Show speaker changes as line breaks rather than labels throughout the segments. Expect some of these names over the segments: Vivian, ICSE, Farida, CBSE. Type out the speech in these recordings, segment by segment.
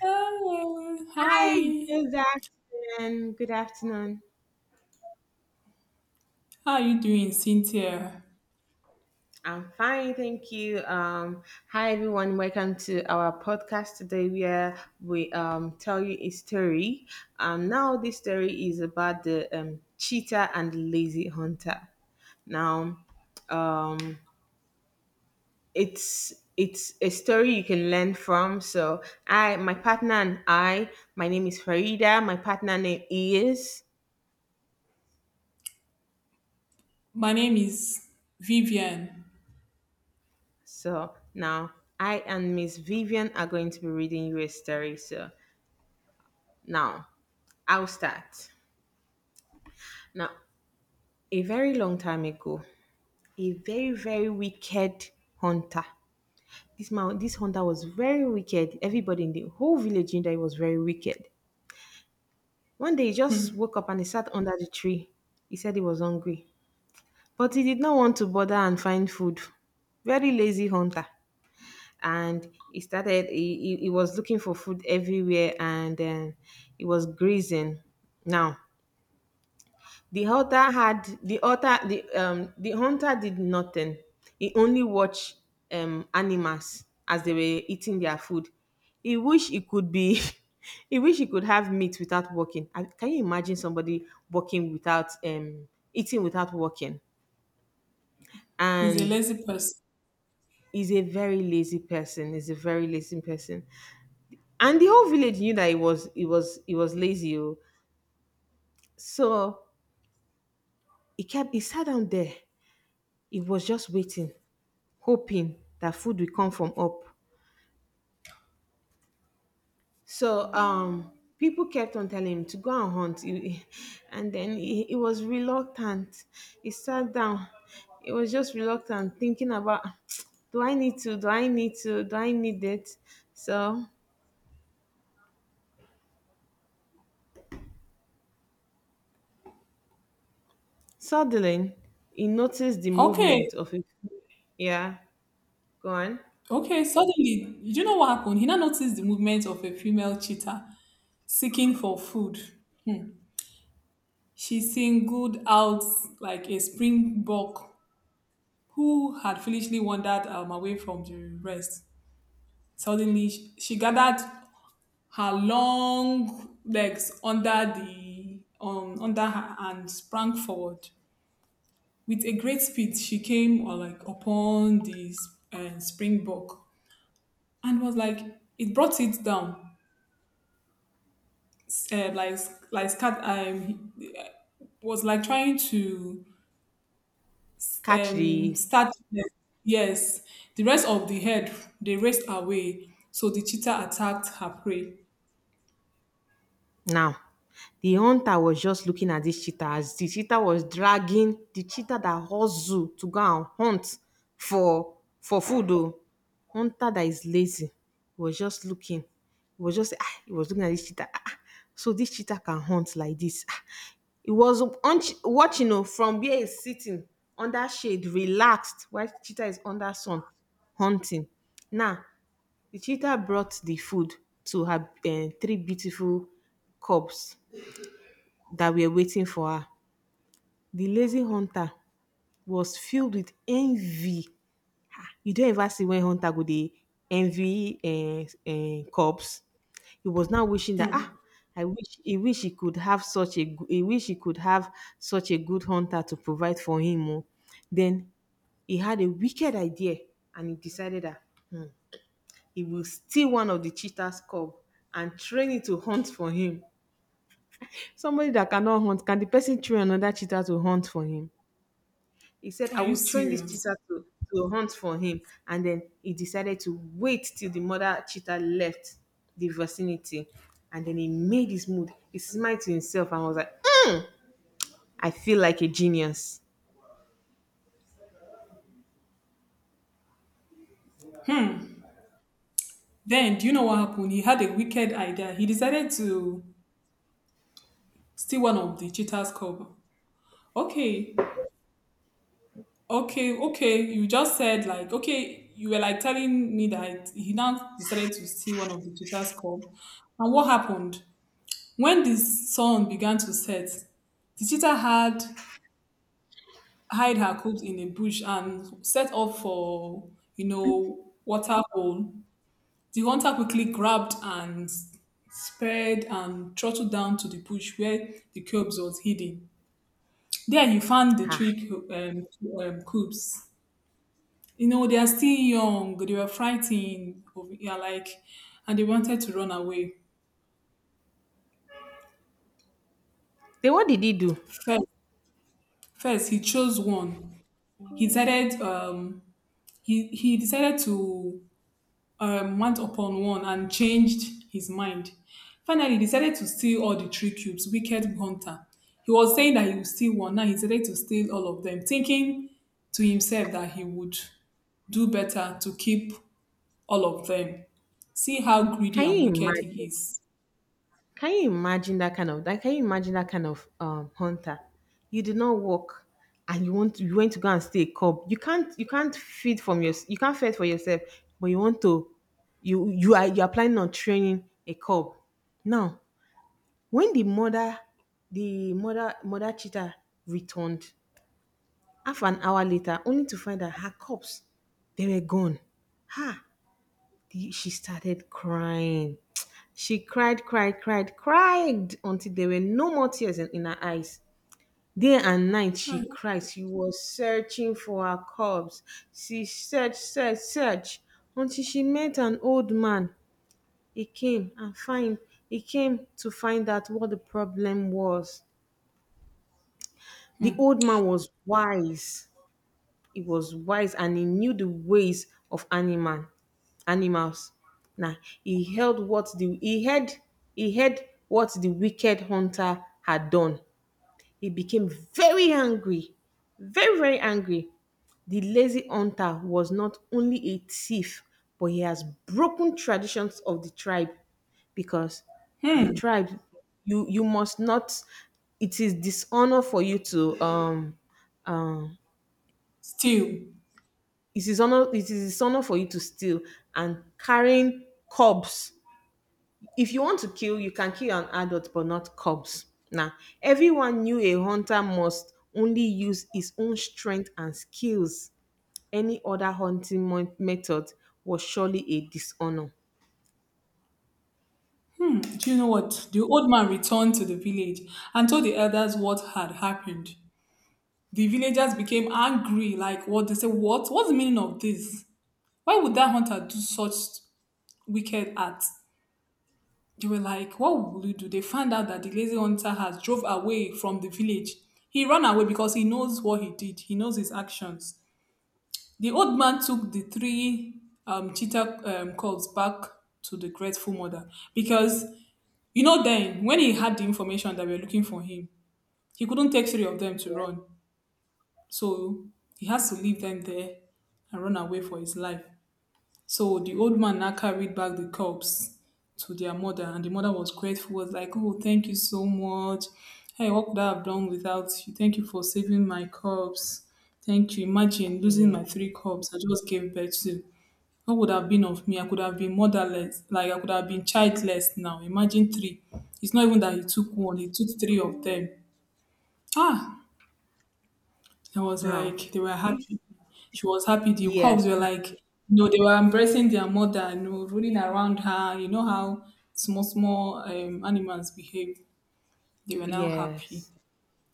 Hello.
Hi,
Hi.
good afternoon. Good afternoon.
How are you doing, Cynthia?
I'm fine, thank you. Hi everyone, welcome to our podcast today where we tell you a story. Now this story is about the cheetah and the lazy hunter. Now, um, it's a story you can learn from. So I, my partner and I, my name is Farida. My partner name is.
My name is Vivian.
So now I and Miss Vivian are going to be reading you a story. So now I'll start. Now, a very long time ago, a very, very wicked hunter. This man, this hunter was very wicked. Everybody in the whole village knew that he was very wicked. One day he just
Hmm.
woke up and he sat under the tree. He said he was hungry. But he did not want to bother and find food. Very lazy hunter. And he started he was looking for food everywhere and then he was grazing. Now the hunter had the hunter did nothing. He only watched animals as they were eating their food. He wish he could be. He wish he could have meat without working. And can you imagine somebody working without eating without working?
He's a
And
lazy person.
he's a very lazy person, he's a very lazy person. And the whole village knew that he was lazy. Oh. So he kept he sat down there. He was just waiting, hoping that food will come from up. So um People kept on telling him to go and hunt. He- and then he was reluctant. He sat down. He was just reluctant, thinking about, do I need to? Do I need to? Do I need it? So suddenly he noticed the
Okay.
movement of a. Yeah, go on.
Okay. Suddenly, you know what happened? He now noticed the movement of a female cheetah seeking for food. She singled out like a springbok who had foolishly wandered away from the rest. Suddenly, she gathered her long legs under the under her and sprang forward. With a great speed, she came like upon the springbok and was like it brought it down. Uh, like like scat was like trying to
Catch the.
start, yes, the rest of the head, they raced away, so the cheetah attacked her prey.
Now, the hunter was just looking at this cheetah as the cheetah was dragging the cheetah that hustle to go and hunt for food. Oh, hunter that is lazy was just looking. He was just ah, he was looking at this cheetah. Ah, ah, so this cheetah can hunt like this. Ah, he was watching oh, from where he's sitting under shade, relaxed, while cheetah is under sun hunting. Now the cheetah brought the food to her eh, three beautiful cubs that were waiting for her. The lazy hunter was filled with envy. You don't ever see when hunter go dey envy cubs. He was now wishing that ah, I wish he could have such a he wish he could have such a good hunter to provide for him. Oh. Then he had a wicked idea and he decided that hmm, he will steal one of the cheetah's cub and train it to hunt for him. Somebody that cannot hunt, can the person train another cheetah to hunt for him? He said, I
Are you
will train this
serious?
cheetah to hunt for him. And then he decided to wait till the mother cheetah left the vicinity. And then he made his mood. He smiled to himself and was like, "Mm, I feel like a genius."
Then do you know what happened? He had a wicked idea. He decided to still one of the cheaters club. Okay. Okay. Okay. You just said like okay. You were like telling me that he now decided to steal one of the cheaters club. And what happened? When the sun began to set, the cheetah had hide her cubs in a bush and set off for you know waterfall. The hunter quickly grabbed and sped and throttled down to the bush where the cubs was hidden. There you found the
Ha.
trick cubes. You know, they are still young. They were frightened of, yeah, like, and they wanted to run away.
Then what did he do?
First, first he chose one. He decided he decided to want upon one and changed his mind. Finally, he decided to steal all the three cubes, Wicked Hunter. He was saying that he would steal one. Now he decided to steal all of them, thinking to himself that he would do better to keep all of them. See how greedy
Can
and
you
wicked he
imagine?
is.
Can you imagine that kind of that? Can you imagine that kind of hunter? You did not work, and you want to, you went to go and stay a cub. You can't feed from your you can't feed for yourself, but you want to you are you are planning on training a cub. Now, when the mother the mother cheetah returned half an hour later, only to find that her cubs they were gone. Ha! She started crying. She cried, cried, cried, cried until there were no more tears in her eyes. Day and night she
Chai.
cried. She was searching for her cubs. She searched, searched, searched until she met an old man. He came and find he came to find out what the problem was. The
Hmm.
old man was wise. He was wise and he knew the ways of animals. Now he heard. he heard what the wicked hunter had done. He became very angry, very very angry. The lazy hunter was not only a thief, but he has broken traditions of the tribe. Because the
Hmm.
tribe, you must not, it is dishonor for you to um,
Still,
it is honor it is his honor for you to steal and carrying cubs. If you want to kill you can kill an adult but not cubs. Now everyone knew a hunter must only use his own strength and skills. Any other hunting method was surely a dishonor.
do you know what? The old man returned to the village and told the elders what had happened. The villagers became angry, like what they said, "What? What's the meaning of this? Why would that hunter do such wicked acts?" They were like, "What will you do?" They found out that the lazy hunter has drove away from the village. He ran away because he knows what he did, he knows his actions. The old man took the three cheetah cubs back to the grateful mother because, you know, then when he had the information that were looking for him, he couldn't take three of them to
Yeah.
run. So he has to leave them there and run away for his life. So the old man now carried back the cubs to their mother, and the mother was grateful, was like, "Oh, thank you so much. Hey, what could I have done without you? Thank you for saving my cubs. Thank you. Imagine losing
Yeah.
my three cubs I just gave birth to, what would have been of me? I could have been motherless. Like I could have been childless now. Imagine three. It's not even that he took one, he took three of them. Ah," I was
Now
like, they were
this,
happy. She was happy. The
yes
cubs were like, you know, they were embracing their mother, you know, running around her. You know how small, small animals behave. They were now happy.
yes.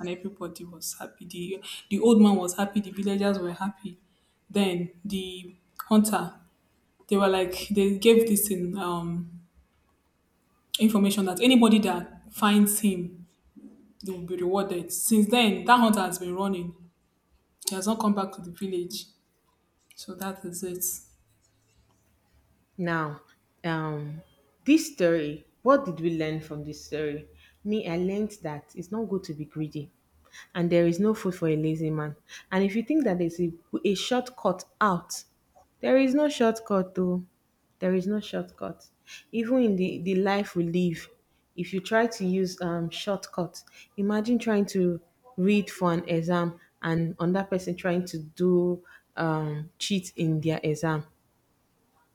And everybody was happy. The old man was happy. The villagers were happy. Then the hunter, they were like, they gave this in, information that anybody that finds him, they will be rewarded. Since then, that hunter has been running. He has not come back to the village. So that is it.
Now, um, this story, what did we learn from this story? Me, I learned that it's not good to be greedy and there is no food for a lazy man. And if you think that there's a shortcut out, there is no shortcut though. There is no shortcut. Even in the life we live, if you try to use shortcuts, imagine trying to read for an exam and another person trying to do cheat in their exam.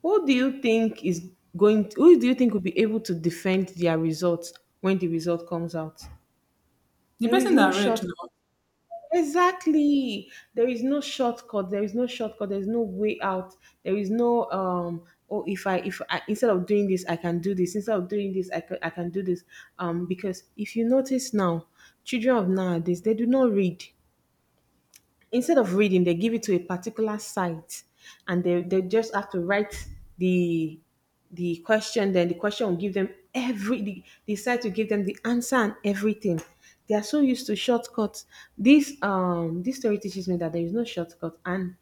Who do you think is going? Who do you think will be able to defend their results when the result comes out?
The
There is
person that
no
I read
shortcut.
now,
Exactly. There is no shortcut. There is no shortcut. There is no way out. There is no. Oh, if I, instead of doing this, I can do this. Instead of doing this, I can do this. Because if you notice now, children of nowadays they do not read. Instead of reading, they give it to a particular site and they just have to write the the question, then the question will give them every the site will give them the answer and everything. They are so used to shortcuts. This story teaches me that there is no shortcut and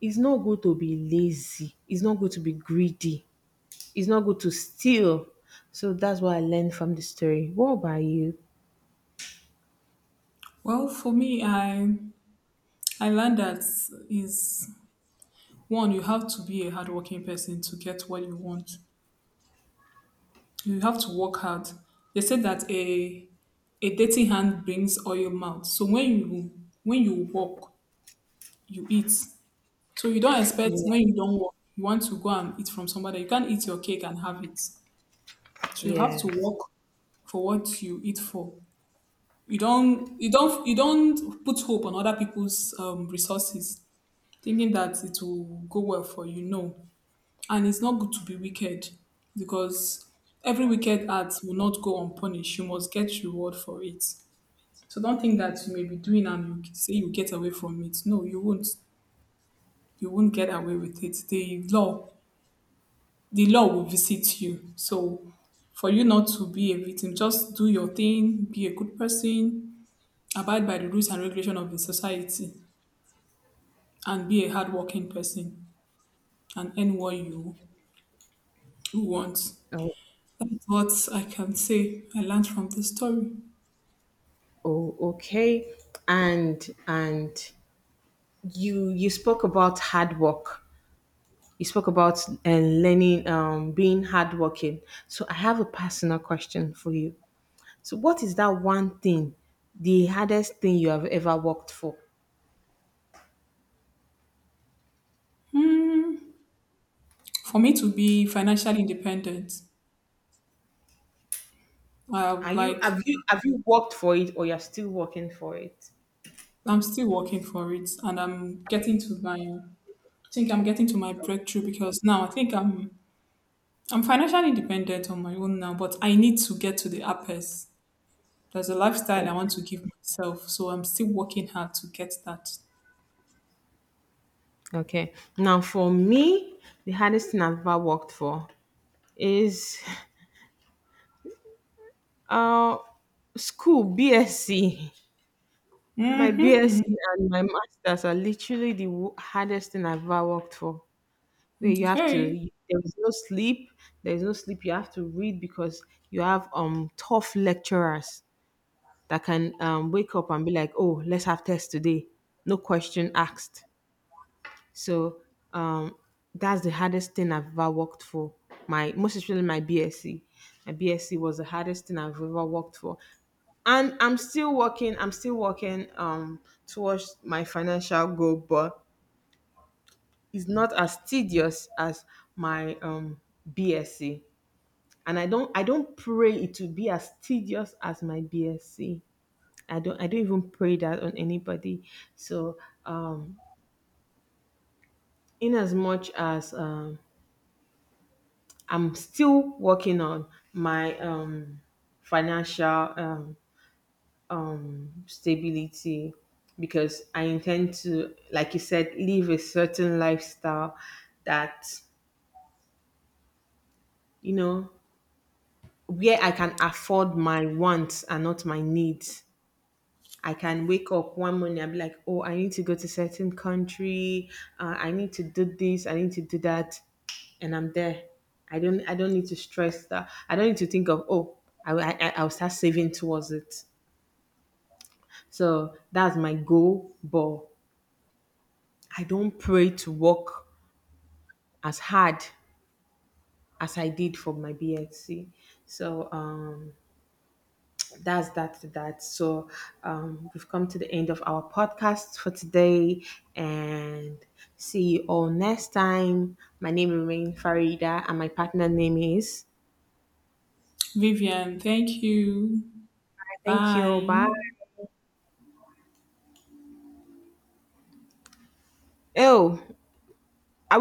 it's not good to be lazy, it's not good to be greedy, it's not good to steal. So that's what I learned from the story. What about you?
well, for me, I learned that is one, you have to be a hardworking person to get what you want. You have to work hard. They said that a dirty hand brings oil mouth. So when you work, you eat. So you don't expect
Yeah.
when you don't work, you want to go and eat from somebody. You can't eat your cake and have it. So you have to
Yes.
work for what you eat for. You don't put hope on other people's resources, thinking that it will go well for you. No, and it's not good to be wicked because every wicked act will not go unpunished. You must get reward for it. So don't think that you may be doing and you say you get away from it. No, you won't. You won't get away with it. The law will visit you. So for you not to be a victim, just do your thing, be a good person, abide by the rules and regulation of the society, and be a hardworking person and earn what you want.
Oh.
That's what I can say I learned from this story.
Oh, okay. And you you spoke about hard work. You spoke about learning, being hardworking. So I have a personal question for you. So what is that one thing, the hardest thing you have ever worked for?
Hmm. For me to be financially independent,
Are
I've
you
like
have you worked for it or you're still working for it?
I'm still working for it, and I'm getting to my. I think I'm getting to my breakthrough because now I think I'm financially independent on my own now, but I need to get to the uppers. There's a lifestyle I want
Okay.
to give myself, so I'm still working hard to get that.
Okay. Now for me, the hardest thing I've ever worked for is uh school BSc. My BSc and my master's are literally the hardest thing I've ever worked for. Where you have to,
Okay.
you, there is no sleep. There is no sleep. You have to read because you have tough lecturers that can wake up and be like, oh, let's have test today. No question asked. So um, that's the hardest thing I've ever worked for. My most especially my BSc. My BSc was the hardest thing I've ever worked for. And I'm still working towards my financial goal, but it's not as tedious as my BSc. And I don't pray it to be as tedious as my BSc. I don't even pray that on anybody. So um in as much as I'm still working on my financial um stability because I intend to, like you said, live a certain lifestyle that, you know, where I can afford my wants and not my needs. I can wake up one morning and be like, oh, I need to go to certain country. I need to do this. I need to do that, and I'm there. I don't. I don't need to stress that. I don't need to think of oh, I'll start saving towards it. So that's my goal. But I don't pray to work as hard as I did for my BSc. So that's that. So we've come to the end of our podcast for today and see you all next time. My name remains Farida and my partner name is.
Vivian, thank you.
Thank you. Bye.
Bye.
Oh, I.